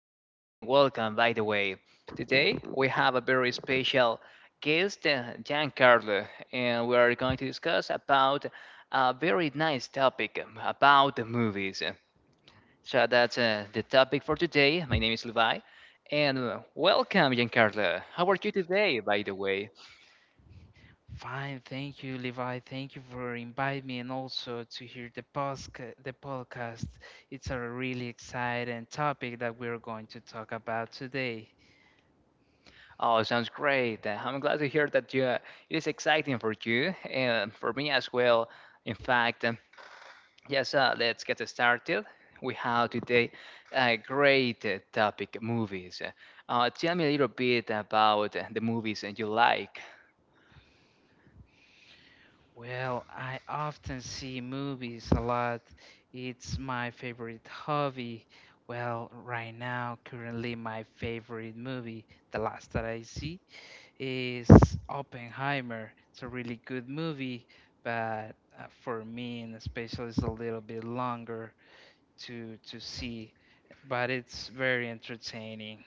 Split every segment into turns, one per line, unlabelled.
podcast, and welcome by the way. Today we have a very special guest, Giancarlo, and we are going to discuss about a very nice topic about the movies. So that's the topic for today. My name is Levi, and welcome Giancarlo. How are you today, by the way?
Fine, thank you, Levi. Thank you for inviting me and also to hear the podcast. It's a really exciting topic that we're going to talk about today.
Oh, sounds great. I'm glad to hear that it is exciting for you and for me as well. In fact, yes, let's get started. We have today a great topic, movies. Tell me a little bit about the movies that you like.
Well, I often see movies a lot. It's my favorite hobby. Well, right now, currently my favorite movie, the last that I see, is Oppenheimer. It's a really good movie, but for me, and especially, it's a little bit longer to see, but it's very entertaining.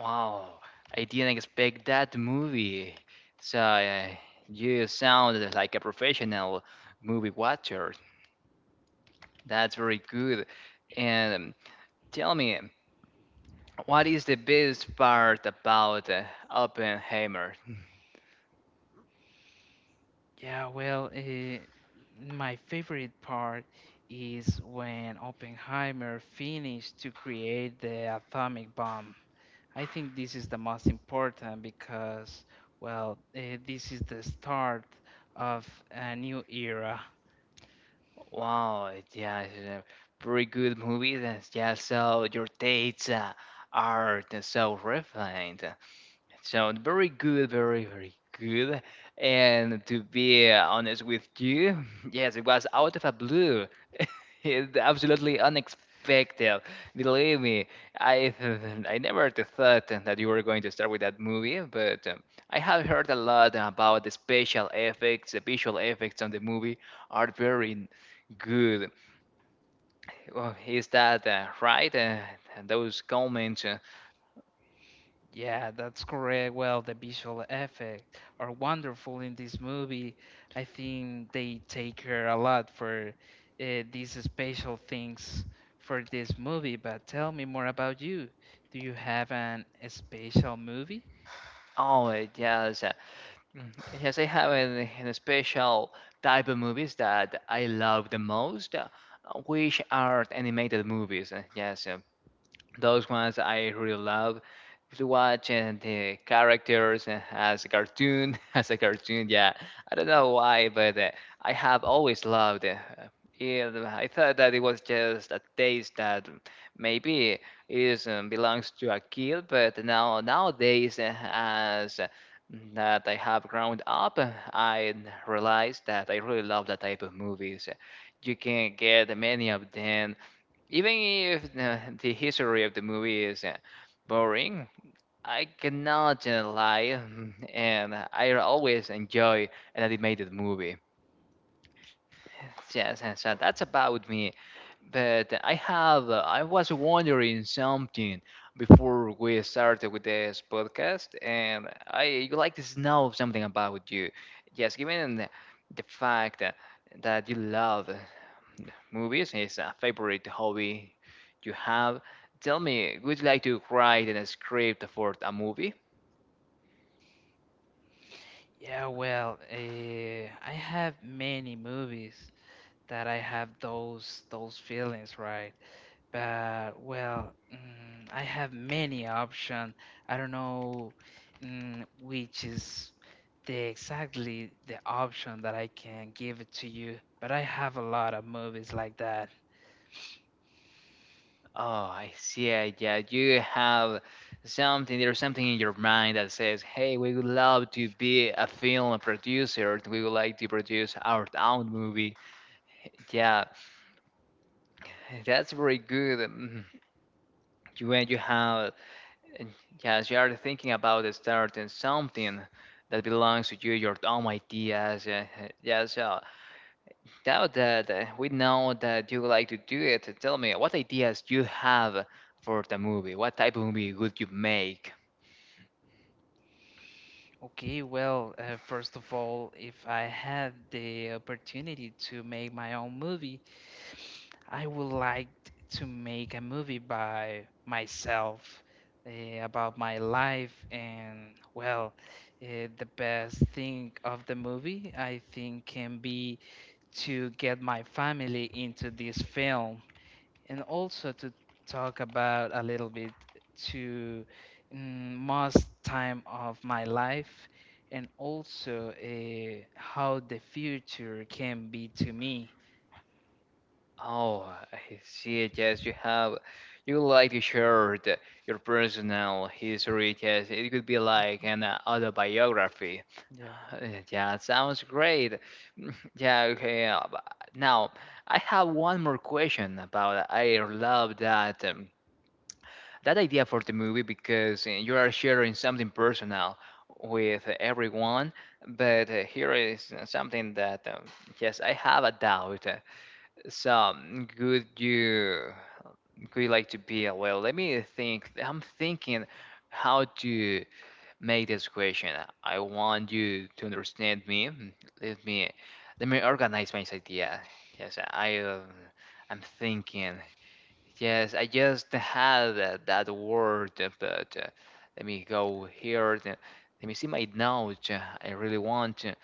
Wow, I didn't expect that movie. So, you sound like a professional movie watcher. That's very good. And tell me, what is the best part about Oppenheimer?
Yeah, well, my favorite part is when Oppenheimer finished to create the atomic bomb. I think this is the most important because, well, this is the start of a new era.
Wow, yeah, it's a pretty good movie. That's, yeah, so your tastes are so refined. So very good, very, very good. And to be honest with you, yes, it was out of a blue. It absolutely unexpected. Believe me, I I never thought that you were going to start with that movie, but I have heard a lot about the special effects, the visual effects on the movie are very good. Well, is that right? Those comments.
Yeah, that's correct. Well, the visual effects are wonderful in this movie. I think they take care a lot for uh, these special things for this movie. But tell me more about you. Do you have an a special movie?
Oh, yes. Mm, Yes, I have an special type of movies that I love the most, which are animated movies. Yes, those ones I really love to watch, and the characters as a cartoon, as a cartoon. Yeah, I don't know why, but I have always loved it. I thought that it was just a taste that maybe is belongs to a kid, but now nowadays, as that I have grown up, I realized that I really love that type of movies. You can get many of them, even if the history of the movie is boring, I cannot lie, and I always enjoy an animated movie. Yes, and so that's about me. But I was wondering something before we started with this podcast, and I would like to know something about you. Yes, given the fact that you love movies is a favorite hobby you have. Tell me, would you like to write in a script for a movie?
Yeah, well, I have many movies that I have those feelings, right? But well, I have many options. I don't know which is the exactly the option that I can give it to you. But I have a lot of movies like that.
Oh, I see. Yeah, you have something. There's something in your mind that says, "Hey, we would love to be a film producer. We would like to produce our own movie." Yeah, that's very good. You When you have, yes, you are thinking about starting something that belongs to you, your own ideas. Yes, now that we know that you like to do it, tell me what ideas you have for the movie. What type of movie would you make?
Okay, well, first of all, if I had the opportunity to make my own movie, I would like to make a movie by myself about my life, and well, the best thing of the movie, I think, can be to get my family into this film and also to talk about a little bit to most time of my life, and also how the future can be to me.
Oh, I see. Yes, you have. You like to share your personal history. Yes, it could be like an autobiography.
Yeah.
Yeah, it sounds great. Yeah, okay. But now, I have one more question about. I love that. That idea for the movie, because you are sharing something personal with everyone, but here is something that yes, I have a doubt. So, could you like to be a, well, let me think, I'm thinking how to make this question, I want you to understand me. Let me let me organize my idea. Yes, I'm thinking. Yes, I just had that word, but let me go here. Let me see my notes. I really want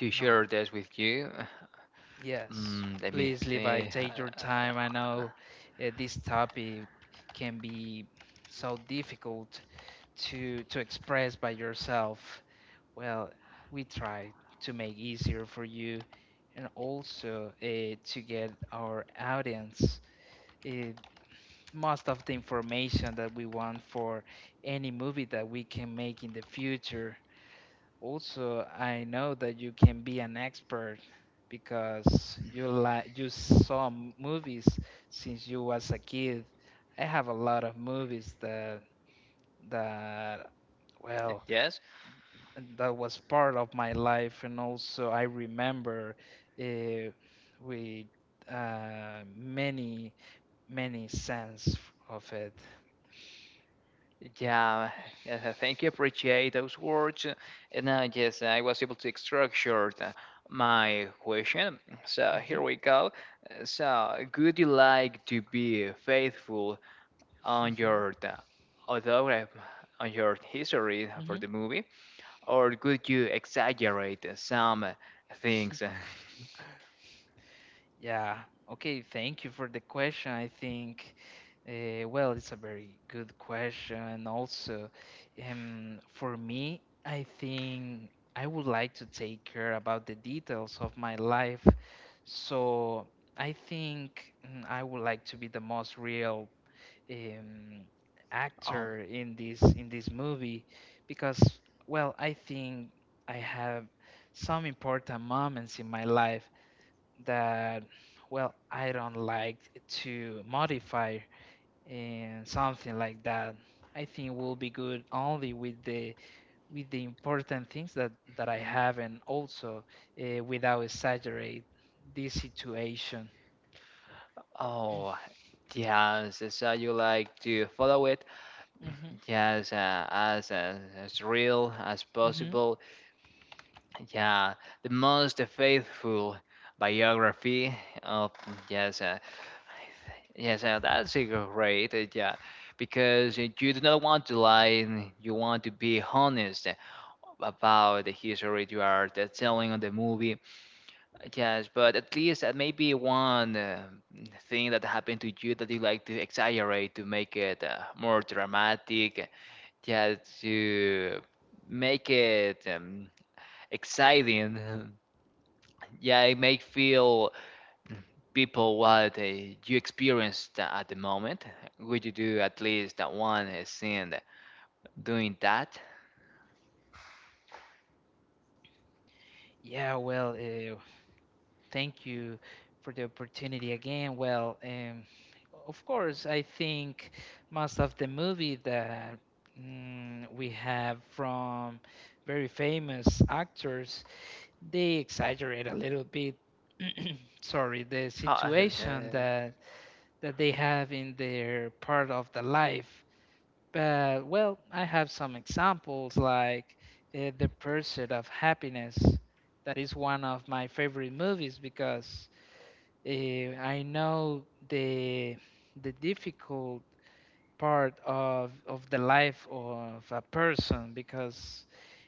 to
No.
share this with you.
Yes,
Let me
please, Levi,
think.
take your time. I know this topic can be so difficult to express by yourself. Well, we try to make easier for you, and also to get our audience uh, most of the information that we want for any movie that we can make in the future. Also, I know that you can be an expert because you like you saw movies since you was a kid. I have a lot of movies that well
Yes,
that was part of my life, and also I remember uh, with uh, many many sense of it.
yeah. Yes, thank you. Appreciate those words. And now, yes, I was able to structure my question. So here
Hmm
we go. So, would you like to be faithful on your the autograph on your history
hmm.
for the movie, or could you exaggerate some things?
Yeah. Okay. Thank you for the question. I think, well, it's a very good question. And also, for me, I think I would like to take care about the details of my life. So I think I would like to be the most real um,
Um,
actor in this movie because, well, I think I have some important moments in my life that, well, I don't like to modify and something like that. I think will be good only with the important things that I have, and also without exaggerate this situation.
oh, yes. So you like to follow it,
Hmm
yes, as real as
hmm
possible. Yeah, the most faithful biography of, yes, yes, that's a great. Yeah, because you do not want to lie. You want to be honest about the history you are telling on the movie. Yes, but at least maybe one thing that happened to you that you like to exaggerate to make it more dramatic. Yeah, to make it exciting. Yeah, it may feel people what you experienced at the moment. Would you do at least that one scene doing that?
yeah well thank you for the opportunity again. Well, of course, I think most of the movie that, we have from very famous actors, they exaggerate a little bit. Sorry, the
Uh,
situation
uh,
that they have in their part of the life. But well, I have some examples like The Pursuit of Happiness. That is one of my favorite movies because I know the difficult part of the life of a person, because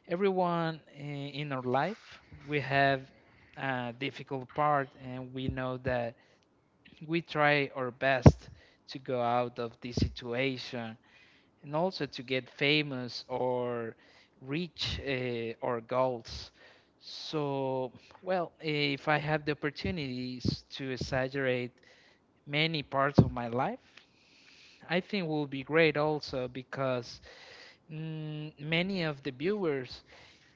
everyone in our life we have a difficult part, and we know that we try our best to go out of this situation and also to get famous or reach our goals. So, well, if I have the opportunities to exaggerate many parts of my life, I think will be great also because many of the viewers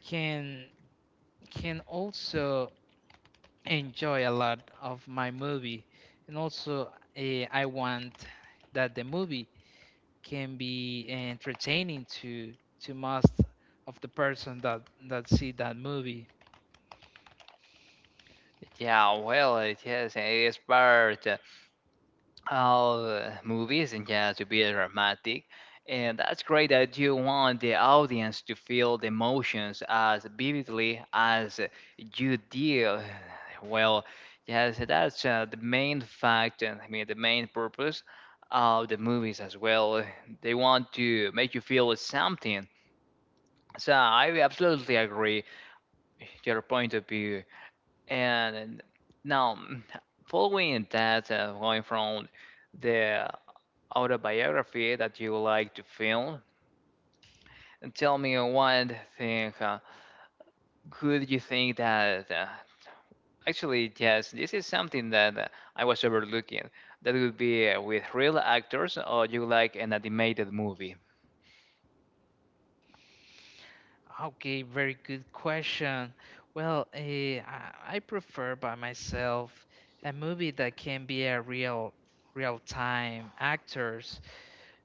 can also enjoy a lot of my movie, and also I want that the movie can be entertaining to most of the person that see that movie.
yeah, well, yes, it is. It's part. Movies and yeah, to be dramatic. And that's great that you want the audience to feel the emotions as vividly as you did. Well, yes, that's the main fact, and I mean, the main purpose of the movies as well. They want to make you feel something. So I absolutely agree your point of view. And now, following that, going from the autobiography that you would like to film. And tell me one thing, could you think that, actually, yes, this is something that I was overlooking, that would be with real actors, or you like an animated movie.
Okay, very good question. Well, I prefer by myself a movie that can be a real time actors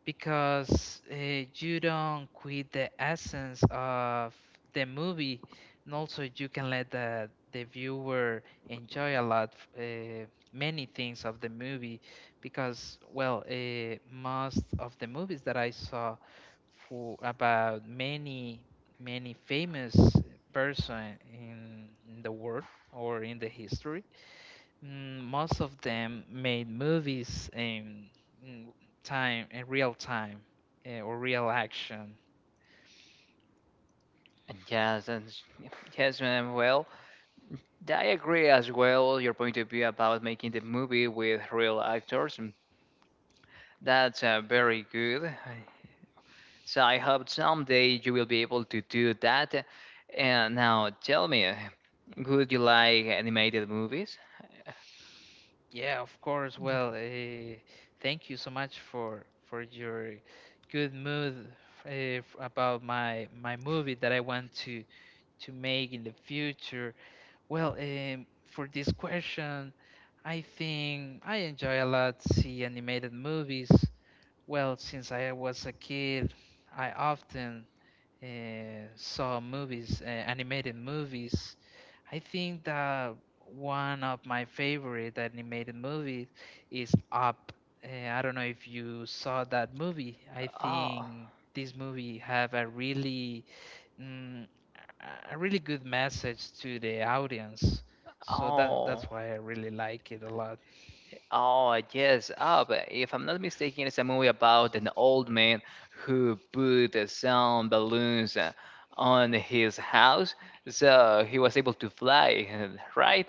because you don't quit the essence of the movie, and also you can let the viewer enjoy a lot many things of the movie, because well most of the movies that I saw for about many famous person in the world or in the history. Most of them made movies in time in real time, or real action.
And yes, yes, ma'am. Well, I agree as well. Your point of view about making the movie with real actors, and that's very good. So I hope someday you will be able to do that. And now tell me, would you like animated movies?
Yeah, of course. Well, thank you so much for your good mood about my movie that I want to make in the future. Well, for this question, I think I enjoy a lot see animated movies. Well, since I was a kid, I often saw movies, animated movies. I think that one of my favorite animated movies is Up. I don't know if you saw that movie. I
Oh,
think this movie have a really mm, a really good message to the audience. So that's
oh,
why I really like it a lot.
oh, yes. Oh, but if I'm not mistaken, it's a movie about an old man who put some balloons on his house, so he was able to fly, right?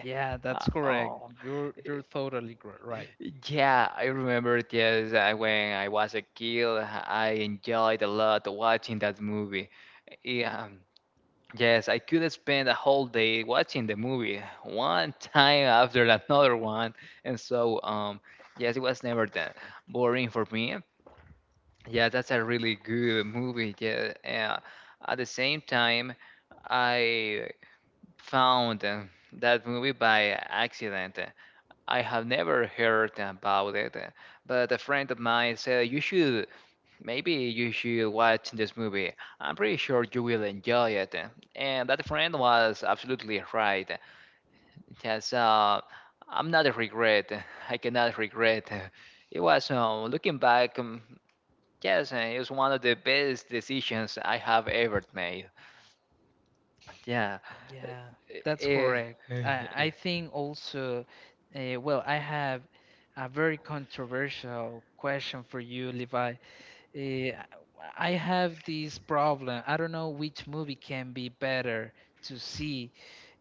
Yeah, that's correct.
Oh,
You're totally right.
yeah, I remember it. Yes, when I was a kid, I enjoyed a lot watching that movie. Yeah, yes, I could spend a whole day watching the movie, one time after another one, and so yes, it was never that boring for me. Yeah, that's a really good movie. Yeah, at the same time, I found that movie by accident. I have never heard about it, but a friend of mine said maybe you should watch this movie. I'm pretty sure you will enjoy it. And that friend was absolutely right. Yes, I'm not a regret. I cannot regret. It was, looking back, yes, it was one of the best decisions I have ever made. Yeah.
Yeah, that's
Eh,
correct. I think also, well, I have a very controversial question for you, Levi. Uh, I have this problem. I don't know which movie can be better to see.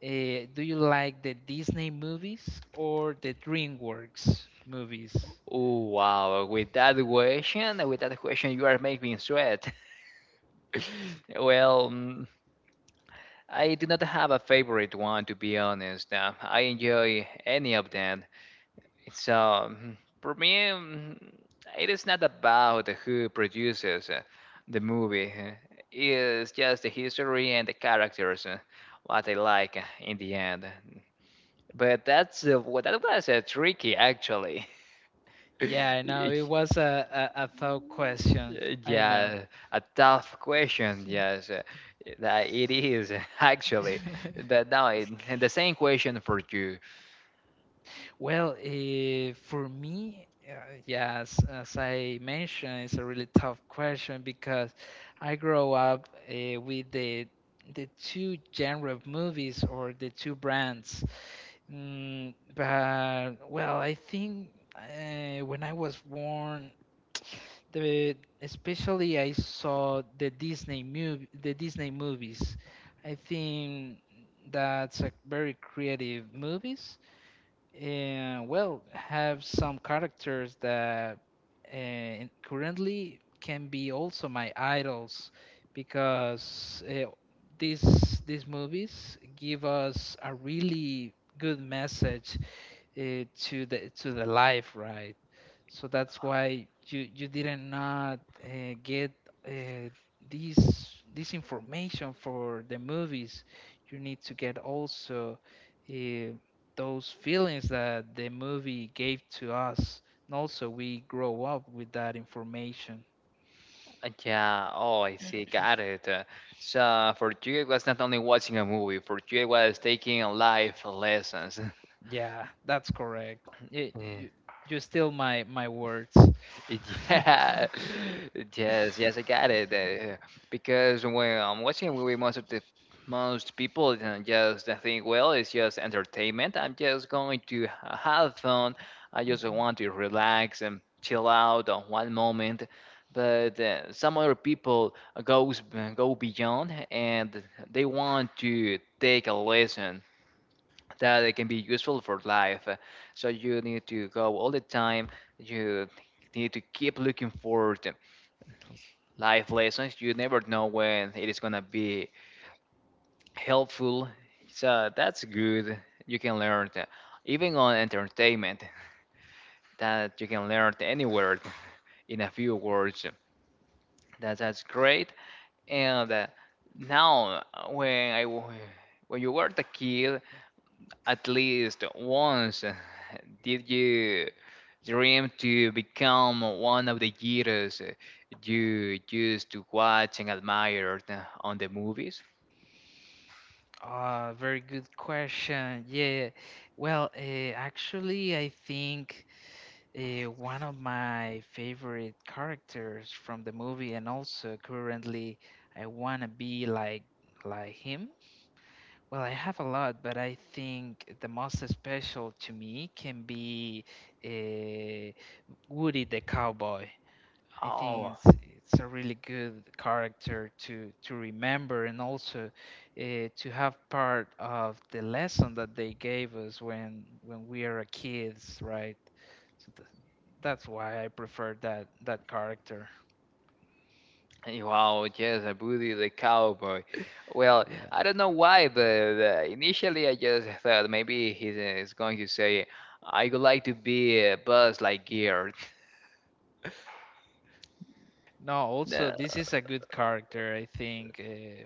Do you like the Disney movies or the DreamWorks movies?
Oh wow! With that question, you are making me sweat. Well, I do not have a favorite one, to be honest. I enjoy any of them. It's For me, it is not about who produces the movie. It's just the history and the characters, what I like in the end. But that's what that was tricky, actually.
Yeah, I know
Y-
it was a thought question. I know.
Yeah, a tough question. Yes, that it is actually. But now the same question for you.
Well, for me, yes, as I mentioned, it's a really tough question, because I grow up with the two genre of movies or the two brands. But well, I think when I was born, the especially I saw the Disney movies. I think that's a very creative movies and, well, have some characters that currently can be also my idols, because these these movies give us a really good message to the life, right? So that's why you didn't not get uh, this information for the movies. You need to get also uh, those feelings that the movie gave to us, and also we grow up with that information.
Yeah. Oh, I see. Got it. So for you, it was not only watching a movie. For you, it was taking life lessons.
Yeah, that's correct. Yeah,
Yeah.
you steal my words.
Yeah, yes, yes, I got it. Because when I'm watching a movie, most of the most people just think, well, it's just entertainment. I'm just going to have fun. I just want to relax and chill out on one moment. But some other people goes go beyond, and they want to take a lesson that it can be useful for life. So you need to go all the time. You need to keep looking for the life lessons. You never know when it is gonna be helpful. So that's good. You can learn that. Even on entertainment, that you can learn anywhere in a few words. That's great. And now, when you were the kid, at least once, did you dream to become one of the heroes you used to watch and admire on the movies?
Ah, very good question. Yeah. yeah. Well, actually, I think. One of my favorite characters from the movie, and also currently I wanna be like him. Well, I have a lot, but I think the most special to me can be uh, Woody the cowboy. I think
Oh,
it's a really good character to remember, and also to have part of the lesson that they gave us when we are kids, right? So that's why I prefer that character.
wow, yes, I Woody the Cowboy. Well,
Yeah.
I don't know why, but initially I just thought maybe he's going to say, I would like to be a Buzz Lightyear.
No, also
No.
this is a good character. I think, uh,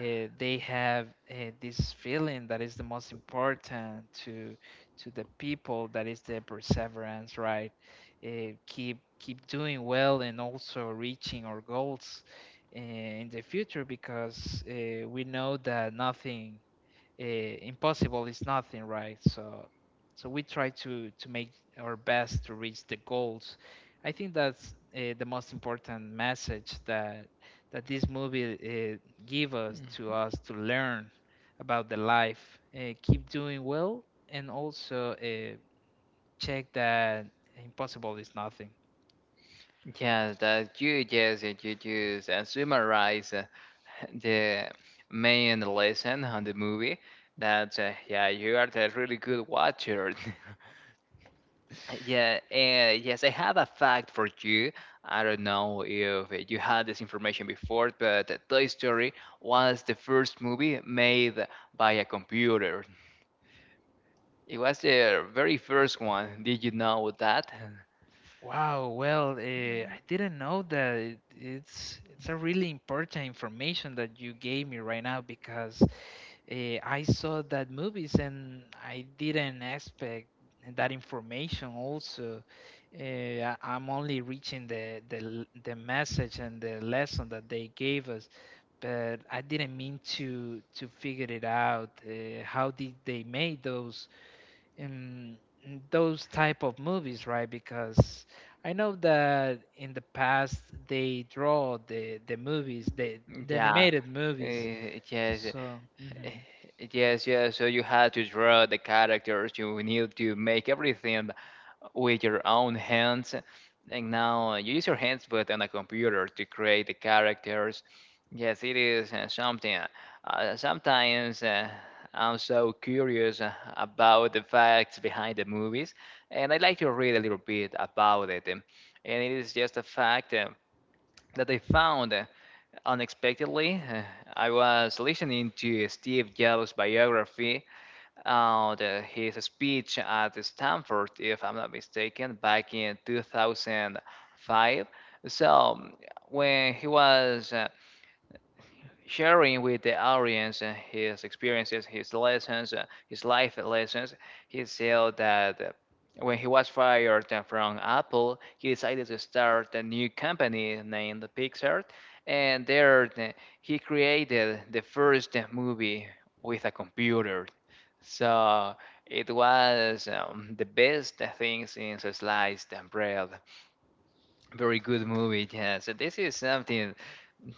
uh, they have this feeling that is the most important to the people, that is the perseverance, right, keep doing well, and also reaching our goals in the future, because we know that nothing, impossible is nothing, right? So, we try to make our best to reach the goals. I think that's the most important message that this movie give us to us to learn about the life. Keep doing well, and also check that impossible is nothing.
Yeah, that you just summarize the main lesson on the movie that yeah, you are a really good watcher. Yeah, yes, I have a fact for you. I don't know if you had this information before, but Toy Story was the first movie made by a computer. It was the very first one. Did you know that?
Wow, well, I didn't know that it's a really important information that you gave me right now, because I saw that movies and I didn't expect that information also. I'm only reaching the message and the lesson that they gave us, but I didn't mean to figure it out. How did they make um, those type of movies, right? Because I know that in the past they draw the movies, the the
Yeah,
animated movies.
yes.
So.
Eh,
Mhm.
Yes, yes. So you had to draw the characters. You need to make everything with your own hands. And now you use your hands, but on a computer to create the characters. Yes, it is something. Sometimes I'm so curious about the facts behind the movies, and I like to read a little bit about it. And it is just a fact that I found. Unexpectedly, I was listening to Steve Jobs' biography and his speech at Stanford, if I'm not mistaken, back in 2005. So, when he was sharing with the audience his experiences, his lessons, his life lessons. He said that when he was fired from Apple, he decided to start a new company named Pixar, and there he created the first movie with a computer. So it was the best thing since sliced bread. Very good movie, yeah. So this is something,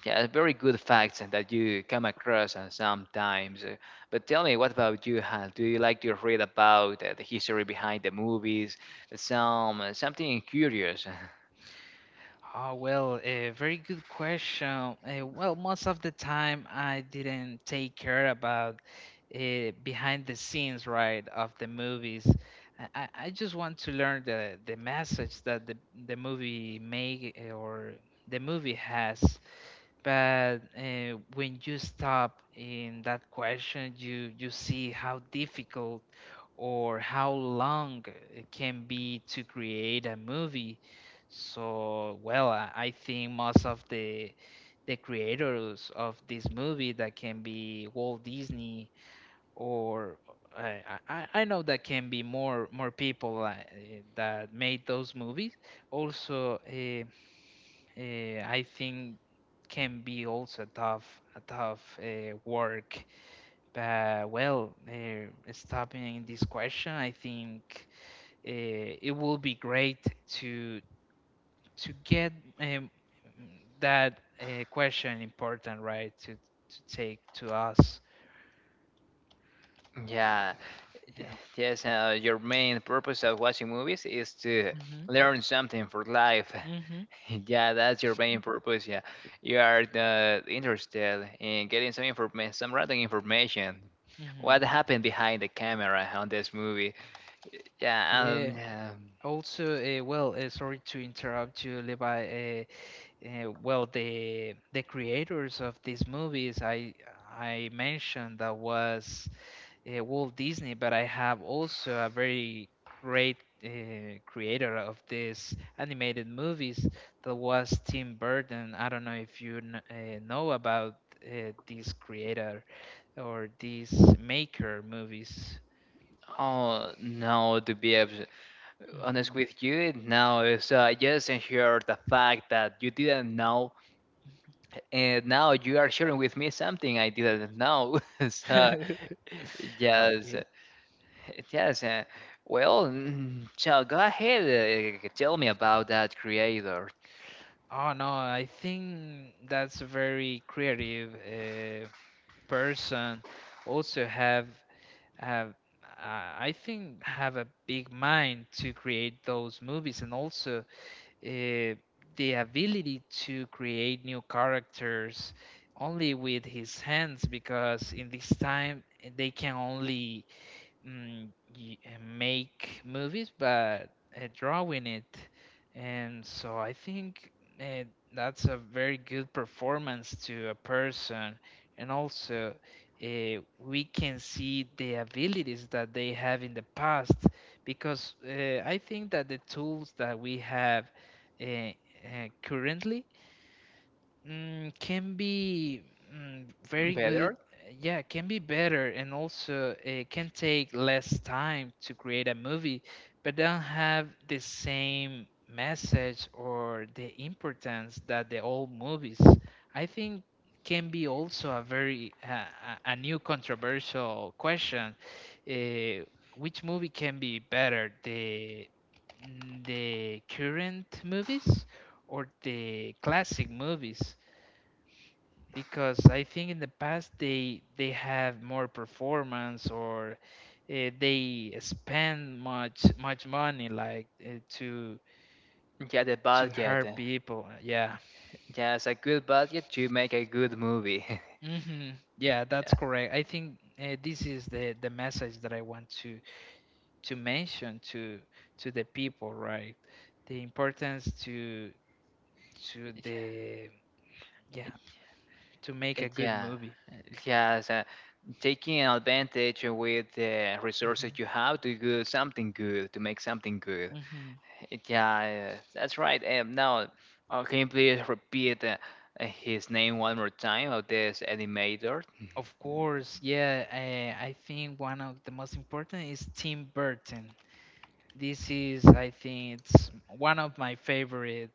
yeah, very good facts that you come across sometimes. But tell me, what about you, Hal? Do you like to read about the history behind the movies? Some something curious?
Oh, well, a very good question. Well, most of the time I didn't take care about behind the scenes, right, of the movies. I just want to learn the message that the movie make, or the movie has. But when you stop in that question, you see how difficult or how long it can be to create a movie. So, well, I think most of the creators of this movie that can be Walt Disney, or I know that can be more people that made those movies. Also, uh, I think can be also tough, a tough work. But well, stopping this question, I think it will be great to to get um, that question important, right? To take to us,
Yeah,
yeah.
yes. Your main purpose of watching movies is to
Mhm.
learn something for life.
Mhm.
Yeah, that's your main purpose. Yeah, you are the interested in getting some information, some random information.
Mhm.
What happened behind the camera on this movie? Yeah.
Yeah.
Yeah.
Also, well, sorry to interrupt you, Levi. Well, the creators of these movies I mentioned that was Walt Disney, but I have also a very great creator of these animated movies that was Tim Burton. I don't know if you kn know about this creator or this maker movies.
Oh no, to be honest
Mhm.
with you, no. It's, just ensure the fact that you didn't know, and now you are sharing with me something I didn't know. So, yes,
Okay.
Yes. Well, so go ahead. Tell me about that creator.
Oh no, I think that's very creative person, also have I think have a big mind to create those movies, and also uh, the ability to create new characters only with his hands because in this time they can only make movies, but drawing it. And so I think uh, that's a very good performance to a person. And also, we can see the abilities that they have in the past because I think that the tools that we have uh, uh, currently can be very good.
Better?
Yeah, can be better, and also it can take less time to create a movie, but don't have the same message or the importance that the old movies. I think can be also a very a new controversial question. Uh, which movie can be better, the current movies or the classic movies? Because I think in the past they have more performance, or they spend much money, like to
Yeah, the
to
budget.
hurt people. Yeah.
Yes, a good budget to make a good movie.
Hmm. Yeah, that's
Yeah.
correct. I think this is the message that I want to mention to the people, right? The importance to
Yeah.
the, yeah, to make a good
Yeah.
movie.
Yes, taking advantage with the resources
hmm
you have to do something good, to make something good.
hmm
Yeah, that's right. Now, can you please repeat his name one more time of this animator?
Of course, yeah. I think one of the most important is Tim Burton. This is, I think, it's one of my favorite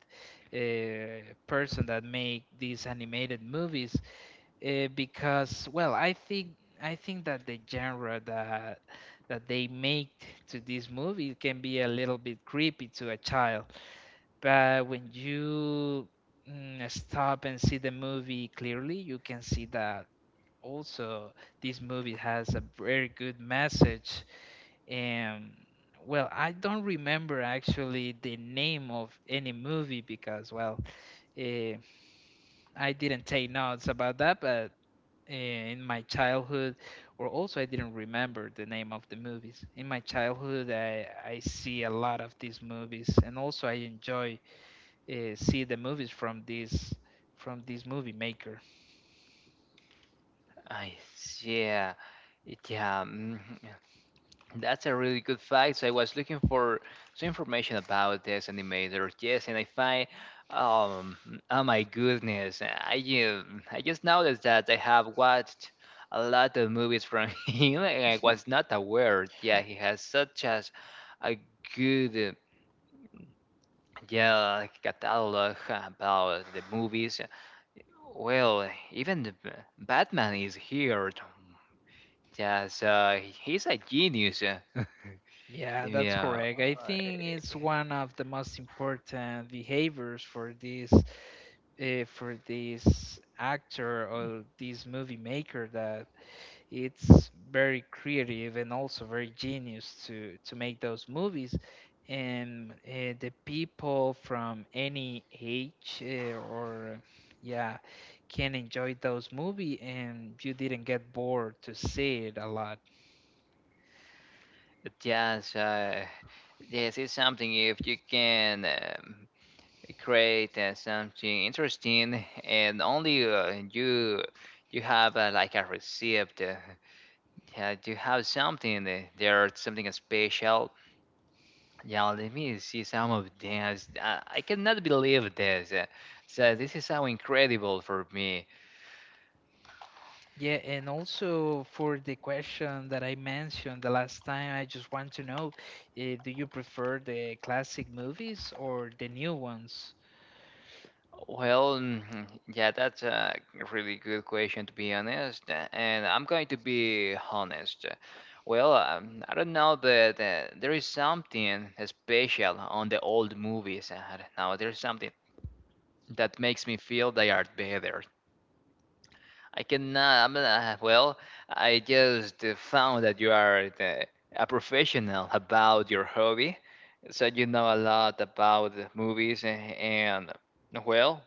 person that make these animated movies, because, well, I think that the genre that they make to this movie can be a little bit creepy to a child, but when you stop and see the movie clearly, you can see that also this movie has a very good message. And, well, I don't remember actually the name of any movie because, well, eh, I didn't take notes about that, but in my childhood, or also I didn't remember the name of the movies in my childhood, I see a lot of these movies, and also I enjoy see the movies from this movie maker.
I see. Yeah, yeah, that's a really good fact. So I was looking for some information about this animator. Yes, and I find, um, oh my goodness, I just noticed that I have watched a lot of movies from him, and I was not aware. Yeah, he has such as a good, yeah, like catalog about the movies. Well, even the Batman is here. Yes, he's a genius.
Yeah, that's
Yeah.
correct. I think it's one of the most important behaviors for this actor or this movie maker, that it's very creative and also very genius to make those movies, and the people from any age, or yeah, can enjoy those movie, and you didn't get bored to see it a lot.
Yes, this is something if you can create something interesting and only you have like a receipt. Yeah, you have something there, something special. Yeah, let me see some of this. I cannot believe this. So this is so incredible for me.
Yeah, and also for the question that I mentioned the last time, I just want to know, do you prefer the classic movies or the new ones?
Well, mhm, yeah, that's a really good question to be honest, and I'm going to be honest. Well, I don't know that there is something special on the old movies. I don't know. There's something that makes me feel they are better. I cannot. Well, I just found that you are a professional about your hobby, so you know a lot about movies and well.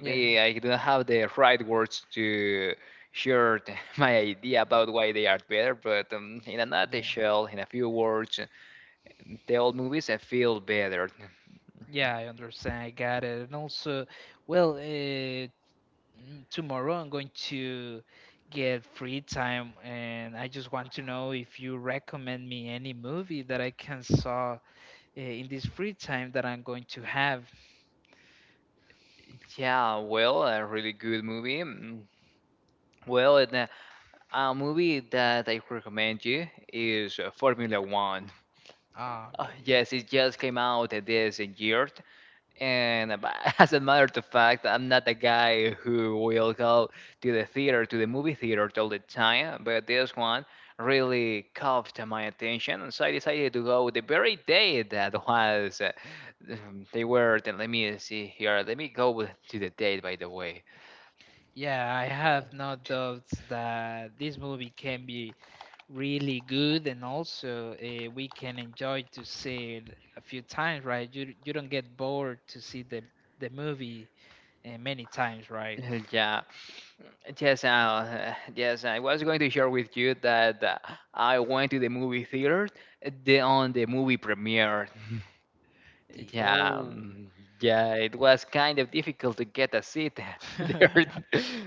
Yeah,
I don't have the right words to share my idea about why they are better, but in a
yeah,
nutshell, in a few words, the old movies I feel better.
yeah, I understand. I got it. And also, well, tomorrow I'm going to get free time, and I just want to know if you recommend me any movie that I can saw in this free time that I'm going to have.
Yeah, well, a really good movie. Well, and, a movie that I recommend you is Formula One.
Ah, okay.
Yes, it just came out this year, And as a matter of fact, I'm not a guy who will go to the theater, to the movie theater all the time, but this one really caught my attention, and so I decided to go the very day that was. They were. Then let me see here. Let me go to the date, by the way.
Yeah, I have no
T-
doubts that this movie can be really good, and also we can enjoy to see it a few times, right? You don't get bored to see the movie many times, right?
Yeah, yes, yes. I was going to share with you that I went to the movie theater on the movie premiere.
The
Yeah,
old.
yeah, it was kind of difficult to get a seat there.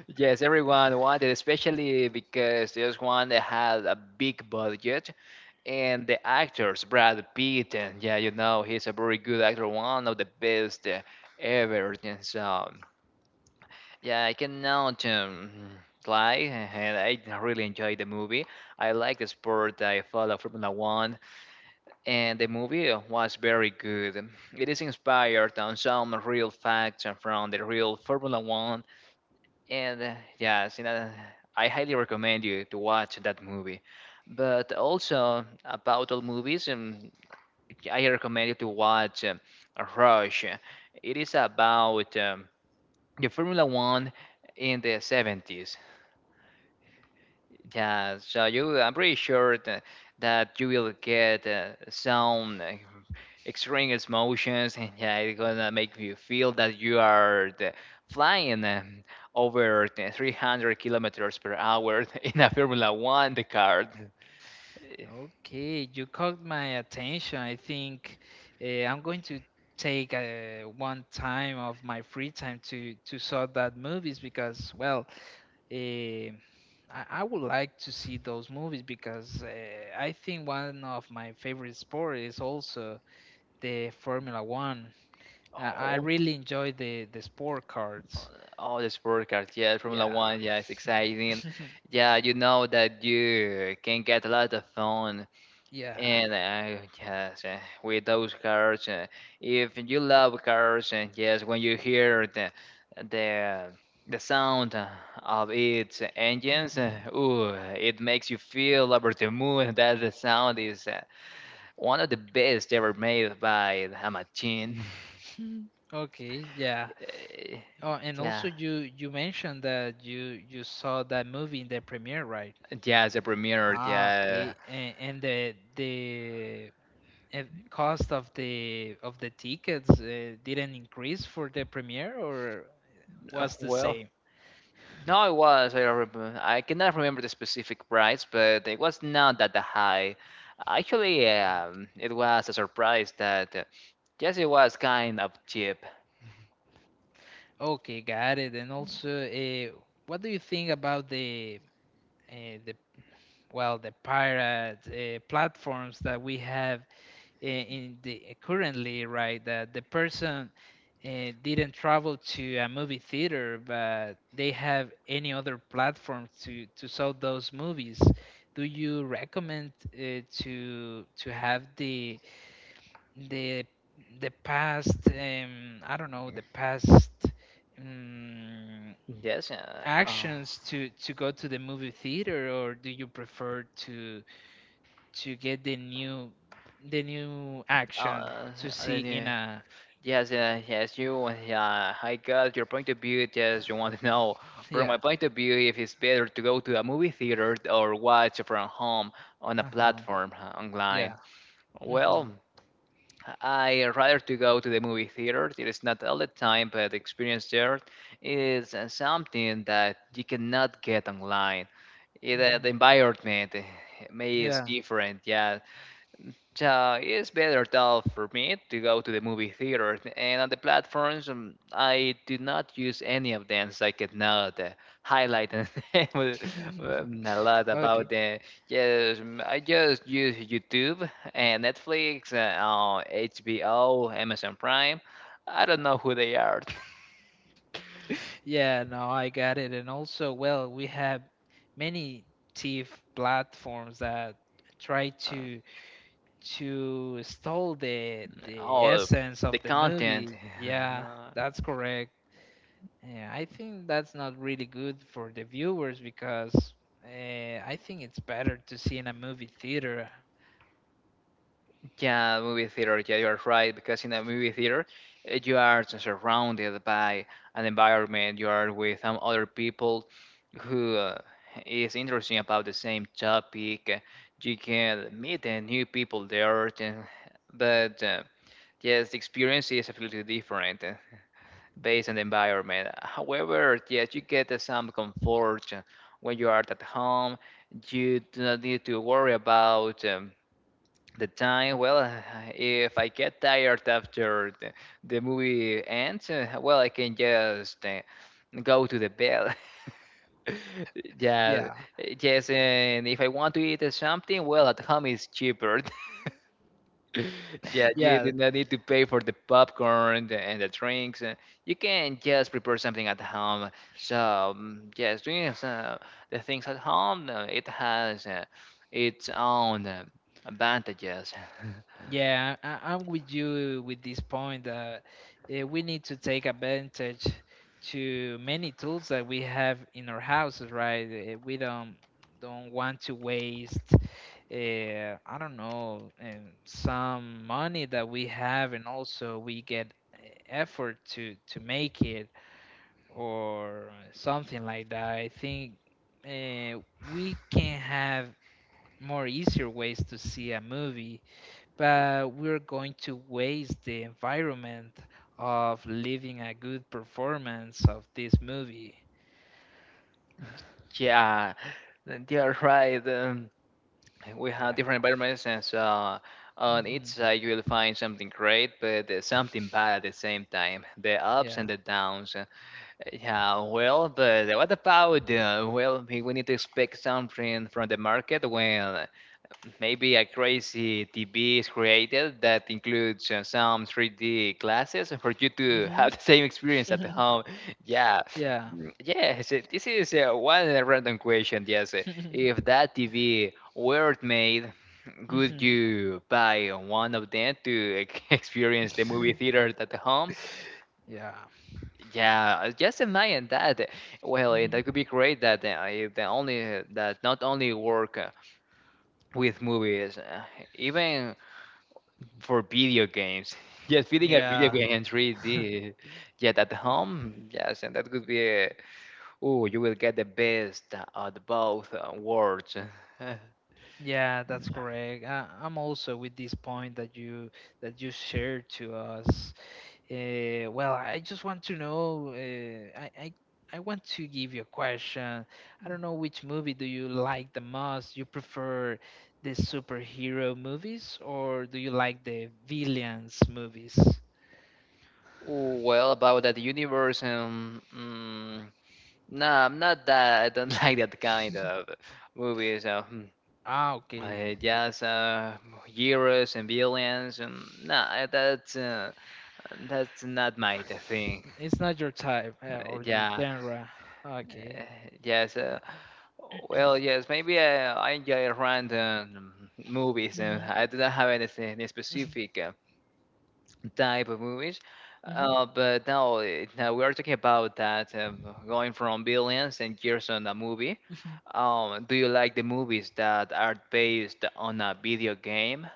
Yes, everyone wanted, especially because this one had a big budget, and the actors, Brad Pitt, and yeah, you know, he's a very good actor, one of the best ever. And so, yeah, I cannot lie, and I really enjoyed the movie. I like the sport. I follow Formula One and the movie was very good. It is inspired on some real facts and from the real Formula One, and yes, you know, I highly recommend you to watch that movie. But also about all movies, I recommend you to watch Rush. It is about the Formula One in the 70s. Yeah, so you, I'm pretty sure that, you will get some extreme emotions, and yeah, it's gonna make you feel that you are flying over the 300 kilometers per hour in a Formula One the car. Eh,
Okay, you caught my attention. I think I'm going to take one time of my free time to saw that movies because, well, Eh, I would like to see those movies because I think one of my favorite sport is also the Formula One. I
Oh,
really enjoy the sport cards.
oh, the sport car, yeah, Formula
Yeah,
One, yeah, it's exciting. Yeah, you know that you can get a lot of fun.
yeah.
And yes, with those cars, if you love cars, and yes, when you hear the the sound of its engines,
Mhm.
ooh, it makes you feel over the moon. That the sound is one of the best ever made by a machine.
Okay, yeah.
Eh,
Oh, and
yeah,
also you mentioned that you saw that movie in the premiere, right?
yeah, the premiere.
Ah,
Yeah,
okay. And the uh, cost of the tickets didn't increase for the premiere, or was the
well.
same?
No, it was. I remember. I cannot remember the specific price, but it was not that high. Actually, it was a surprise that yes, it was kind of cheap.
Okay, got it. And also, what do you think about the uh, the pirate platforms that we have in the, currently, right, that the person uh, didn't travel to a movie theater, but they have any other platform to sell those movies? Do you recommend to have the the the past, I don't know, the past, um,
Yes,
actions to go to the movie theater, or do you prefer to get the new action
uh,
to see
then,
in a,
yes, yes, you, yeah, I got your point of view. Yes, you want to know from
yeah.
my point of view if it's better to go to a movie theater or watch from home on a
Uh-huh.
platform online.
Yeah. Mhm.
Well, I rather to go to the movie theater. It is not all the time, but the experience there is something that you cannot get online. It, the
Mhm.
environment may is
Yeah.
different. Yeah, so it's better though for me to go to the movie theater. And on the platforms, I do not use any of them, so I cannot highlight and a lot about
Okay,
them. Yes, I just use YouTube and Netflix, HBO, Amazon Prime. I don't know who they are.
yeah. No, I got it. And also, well, we have many thief platforms that try
Uh,
to stole the the
all of
essence
the
of the
content.
movie. Yeah, that's correct. Yeah, I think that's not really good for the viewers because uh, I think it's better to see in a movie theater.
Yeah, movie theater. Yeah, you are right. Because in a movie theater, you are surrounded by an environment. You are with some other people who is interesting about the same topic. You can meet new people there. But yes, the experience is absolutely different based on the environment. However, yes, you get some comfort when you are at home. You do not need to worry about the time. Well, if I get tired after the movie ends, well, I can just go to the bed. Yeah,
Yeah,
yes, and if I want to eat something, well, at home is cheaper. Yeah, you do
yeah,
not need to pay for the popcorn and the drinks. You can just prepare something at home. So yes, doing the things at home, it has its own advantages.
yeah. I'm with you with this point that we need to take advantage to many tools that we have in our houses, right? We don't want to waste. I don't know, some money that we have, and also we get effort to make it or something like that. I think uh, we can have more easier ways to see a movie, but we're going to waste the environment of living a good performance of this movie.
Yeah, you're right. We
Yeah.
have different environments, and so on each
Hmm.
side you will find something great, but something bad at the same time. The ups
Yeah.
and the downs. Yeah, well, but what about well, we need to expect something from the market when maybe a crazy TV is created that includes some 3D glasses for you to
Hmm.
have the same experience at home. Yeah,
Yeah.
yes, this is one random question. Yes, if that TV were made, would
Hmm.
you buy one of them to experience the movie theater at home?
Yeah.
Yeah, just imagine that. Well, that could
Hmm.
be great. That if the only that not only work with movies, even for video games. Yes, feeling a video
Yeah.
game in 3D. Yet at home, yes, and that could be. Oh, you will get the best of both worlds.
Yeah, that's correct. I'm also with this point that you shared to us. Well, I just want to know. I want to give you a question. I don't know which movie do you like the most. You prefer the superhero movies, or do you like the villains movies?
Ooh, well, about that universe, nah, I'm not that. I don't like that kind of movies.
Ah, okay.
Just heroes and villains. Nah, that's not my thing.
It's not your type, or your
Yeah,
genre.
uh,
Okay.
yes.
Yeah.
Well, yes, maybe I enjoy random movies.
Hmm.
I do not have anything specific type of movies.
Hmm.
But now, now we are talking about that going from billions and years on a movie. Do you like the movies that are based on a video game?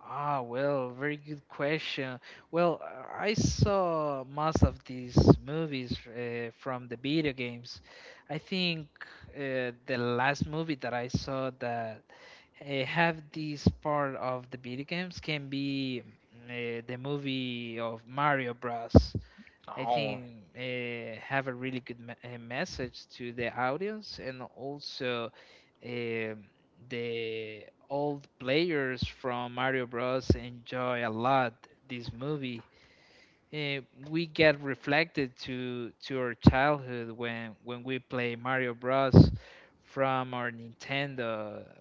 Ah, well, very good question. Well, I saw most of these movies from the video games. I think the last movie that I saw that have this part of the video games can be the movie of Mario Bros. I
Oh,
think have a really good message to the audience, and also um the old players from Mario Bros enjoy a lot this movie. Uh, we get reflected to our childhood when we play Mario Bros from our Nintendo,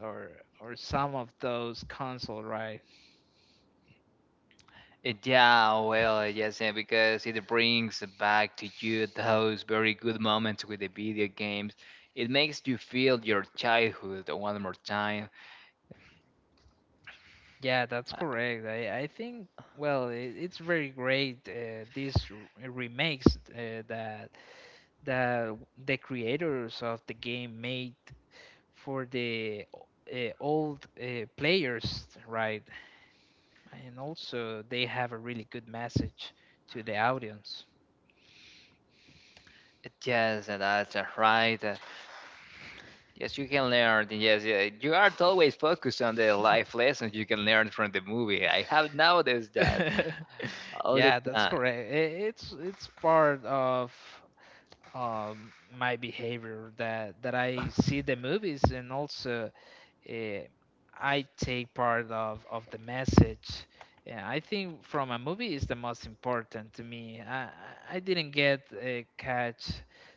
or some of those console, right?
yeah. Well, yes, because it brings back to you those very good moments with the video games. It makes you feel your childhood one more time.
Yeah, that's
Uh,
correct. I think, well, it's very great, these remakes uh, that that the creators of the game made for the old players, right? And also they have a really good message to the audience.
Yes, that's right. Yes, you can learn. Yes, yeah. You are always focused on the life lessons you can learn from the movie. I have noticed that all the
Yeah, that's
time.
correct. It's part of um, my behavior that I see the movies, and also eh, I take part of the message. Yeah, I think from a movie is the most important to me. I didn't get catch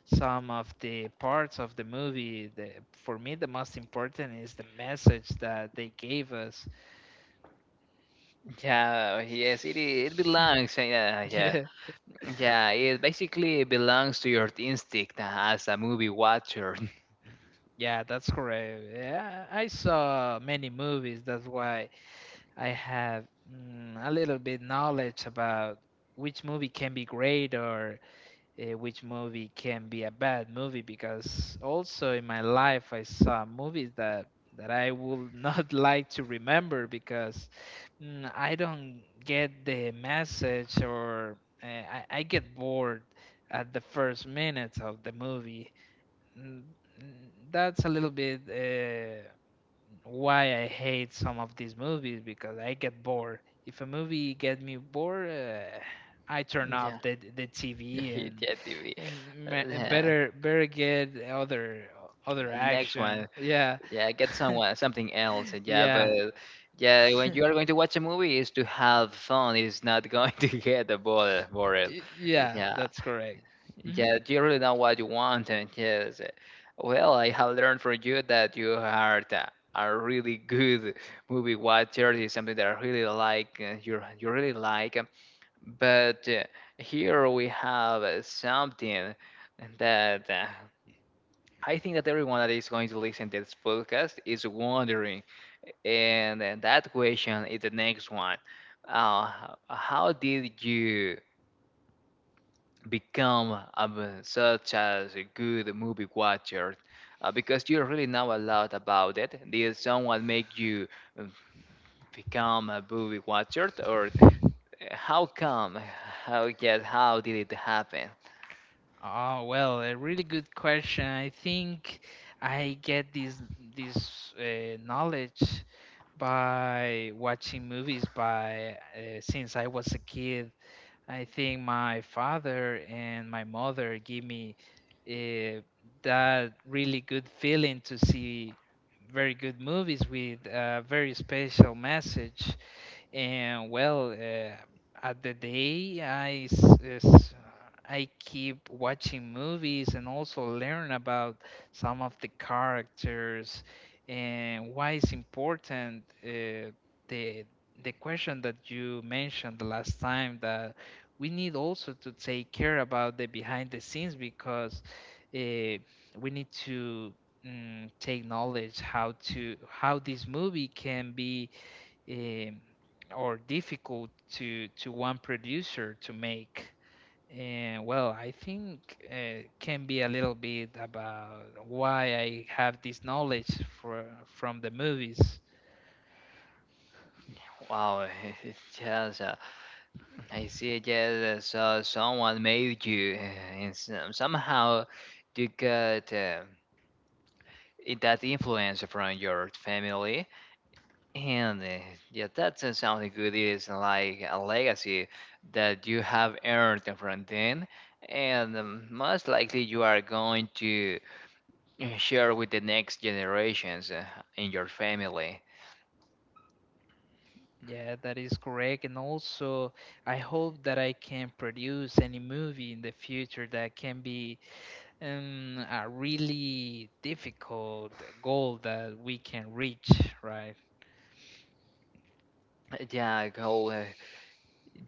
some of the parts of the movie. For me, the most important is the message that they gave us.
Yeah, yes, it belongs. Yeah, yeah,
Yeah,
yeah. It basically belongs to your instinct as a movie watcher.
yeah, that's correct. Yeah, I saw many movies. That's why I have a little bit knowledge about which movie can be great, or which movie can be a bad movie, because also in my life I saw movies that I would not like to remember because I don't get the message, or I get bored at the first minutes of the movie. Mm, That's a little bit. Why I hate some of these movies, because I get bored. If a movie get me bored, I turn
Yeah,
off the the TV and
yeah, TV.
and, ma- and
Yeah.
better get other
The next
action.
one,
Yeah,
yeah, get someone something else. Yeah,
yeah,
but yeah, when you are going to watch a movie, is to have fun. It's not going to get bored.
Yeah.
Yeah,
That's correct. hmm
yeah, you really know what you want, and yes, well, I have learned from you that you are a really good movie watcher. Is something that I really like. You really like, but here we have something that I think that everyone that is going to listen to this podcast is wondering, and, that question is the next one. How did you become such as a good movie watcher because you really know a lot about it. Did someone make you uh, become a movie watcher, or how come? How yes, how did it happen?
Oh, well, a really good question. I think I get this knowledge by watching movies by, since I was a kid. I think my father and my mother give me uh, that really good feeling to see very good movies with a very special message. And, well, at the day I keep watching movies and also learn about some of the characters and why it's important. The the question that you mentioned the last time, that we need also to take care about the behind the scenes because uh, we need to take knowledge how to how this movie can be, um, or difficult to one producer to make. And, well, I think can be a little bit about why I have this knowledge for from the movies.
Wow, it's just I see. Yes, so someone made you, and somehow you got that influence from your family. And yeah, that doesn't sound like good. It's like a legacy that you have earned from them, and most likely you are going to share with the next generations in your family.
Yeah, that is correct. And also, I hope that I can produce any movie in the future that can be, a really difficult goal that we can reach, right?
Yeah, go.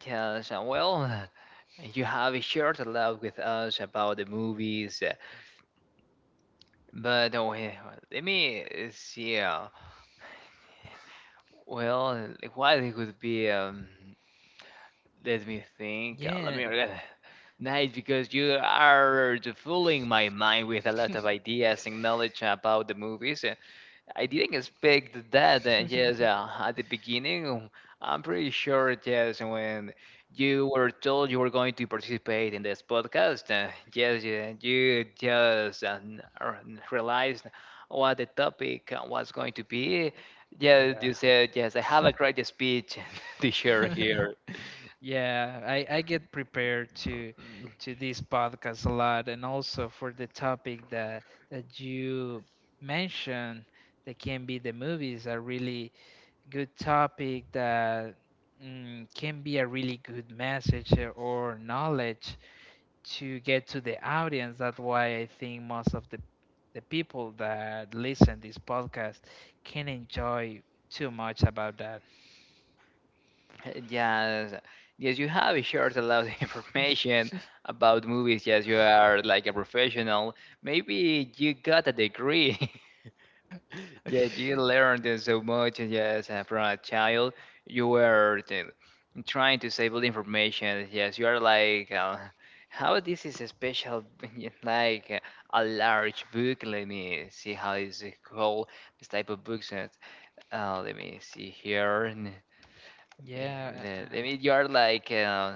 Yeah, so, well, you have shared a lot with us about the movies, but uh, we- let me see. Well, like, what it could be. Let me think. Let me.
Yeah.
Nice, because you are fooling my mind with a lot of ideas and knowledge about the movies. I didn't expect that. Yes, at the beginning, I'm pretty sure. Yes, when you were told you were going to participate in this podcast, yes, you just realized what the topic was going to be. Yeah,
Yeah.
you said yes. I have a great speech to share here.
Yeah, I get prepared to this podcast a lot, and also for the topic that you mentioned that can be the movies a really good topic that can be a really good message or knowledge to get to the audience. That's why I think most of the people that listen this podcast can enjoy too much about that.
Yes, yes, you have shared a lot of information about movies. Yes, you are like a professional. Maybe you got a degree. Yeah, you learned so much. Yes, from a child, you were trying to save all the information. Yes, you are like, how this is a special, like a large book. Let me see how is it called. This type of books. Let me see here. Yeah,
Yeah.
I mean, uh,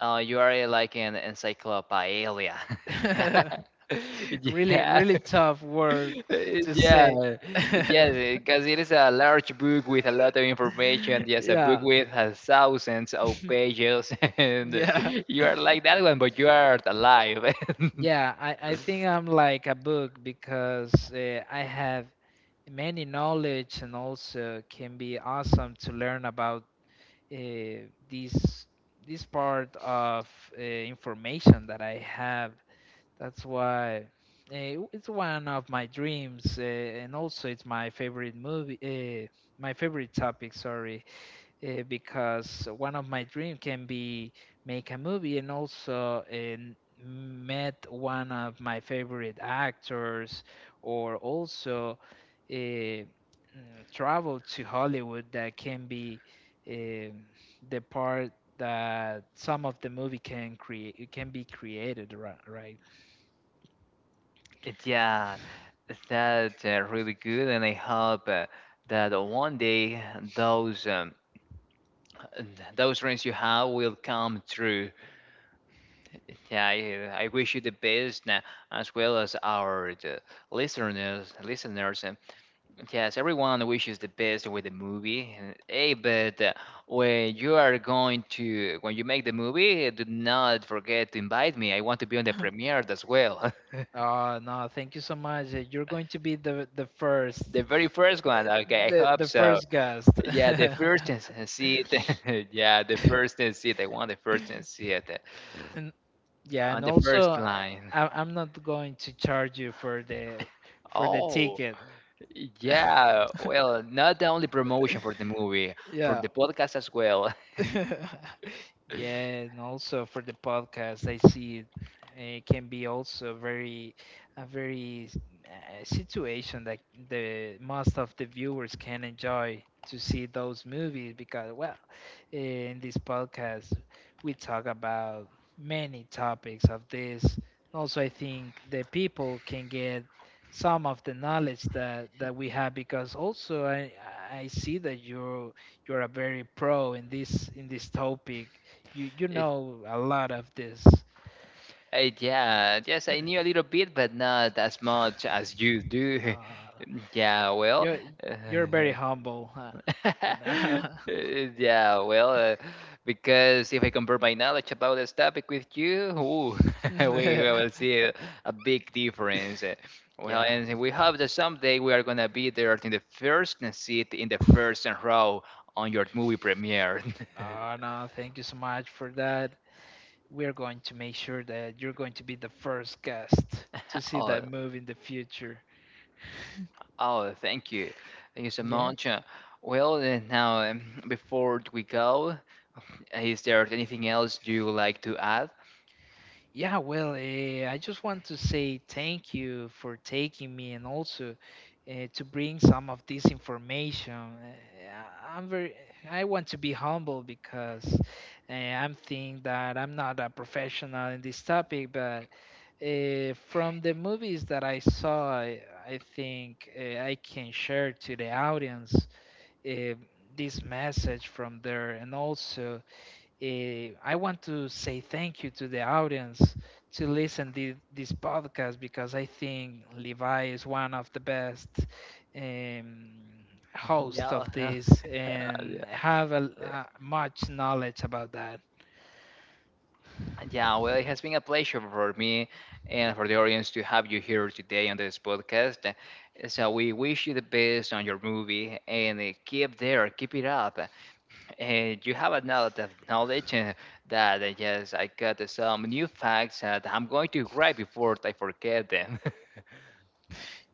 uh, you are like an encyclopedia. Yeah.
uh, Really,
Yeah.
really tough word to
Yeah,
say.
yeah, because it is a large book with a lot of information. Yes, a book
Yeah.
with thousands of pages, and
Yeah.
you are like that one, but you are alive.
Yeah, I think I'm like a book because I have many knowledge, and also can be awesome to learn about uh, this this part of information that I have. That's why, it's one of my dreams, and also it's my favorite movie, my favorite topic. Sorry, because one of my dream can be make a movie, and also and met one of my favorite actors, or also eh, travel to Hollywood. That can be eh, the part that some of the movie can create, can be created, right?
Yeah, that's really good, and I hope that one day those those dreams you have will come true. Yeah, I wish you the best, as well as our listeners. And yes, everyone wishes the best with the movie. And, hey, but when you are going to, when you make the movie, do not forget to invite me. I want to be on the premiere as well.
Oh no, thank you so much. You're going to be the the first
The very first one, okay, I
the
hope
the
so.
first guest.
Yeah, the first is- seat, yeah, the first seat. I want the first seat
And yeah,
on
and
the
also
first
I,
line.
I- I'm not going to charge you for the
Oh,
ticket.
yeah. Well, not the only promotion for the movie, for
Yeah.
the podcast as well.
Yeah, and also for the podcast, I see it, can be also very a very situation that the most of the viewers can enjoy to see those movies, because, well, in this podcast we talk about many topics of this. Also, I think the people can get some of the knowledge that we have, because also I see that you're a very pro in this topic. You
It,
know a lot of this.
yeah, yes, I knew a little bit, but not as much as you do.
Uh,
Yeah, well,
you're you're very humble. Huh? And, uh,
yeah, well, because if I compare my knowledge about this topic with you, ooh, we will see a big difference. Well,
yeah.
and we hope that someday we are gonna be there in the first seat in the first row on your movie premiere.
Oh no, thank you so much for that. We're going to make sure that you're going to be the first guest to see that
Oh,
move in the future.
oh, thank you so
Yeah.
much. Well, now before we go, is there anything else you would like to add?
Yeah, well, I just want to say thank you for taking me, and also to bring some of this information. I'm very, I want to be humble because I'm think that I'm not a professional in this topic, but from the movies that I saw, I think I can share to the audience uh, this message from there and also. I want to say thank you to the audience to listen to this podcast because I think Levi is one of the best, um, host
No.
of this, and
Yeah.
have a much knowledge about that.
Yeah, well, it has been a pleasure for me and for the audience to have you here today on this podcast. So we wish you the best on your movie and keep there, keep it up. And you have a lot of knowledge that yes, I got some new facts that I'm going to grab before I forget them.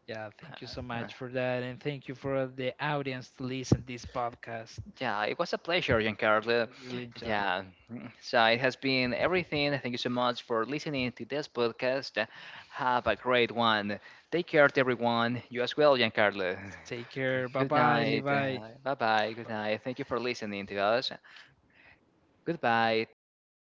Yeah, thank you so
Uh,
much for that, and thank you for the audience to listen this podcast.
Yeah, it was a pleasure,
I
Giancarlo.
really enjoy.
Yeah, so it has been everything. Thank you so much for listening to this podcast. Have a great one. Take care, everyone. You as well, Giancarlo.
Take care. Bye
Good
bye,
night.
Levi.
Bye bye. Good night. Thank you for listening to us. Goodbye. Take care.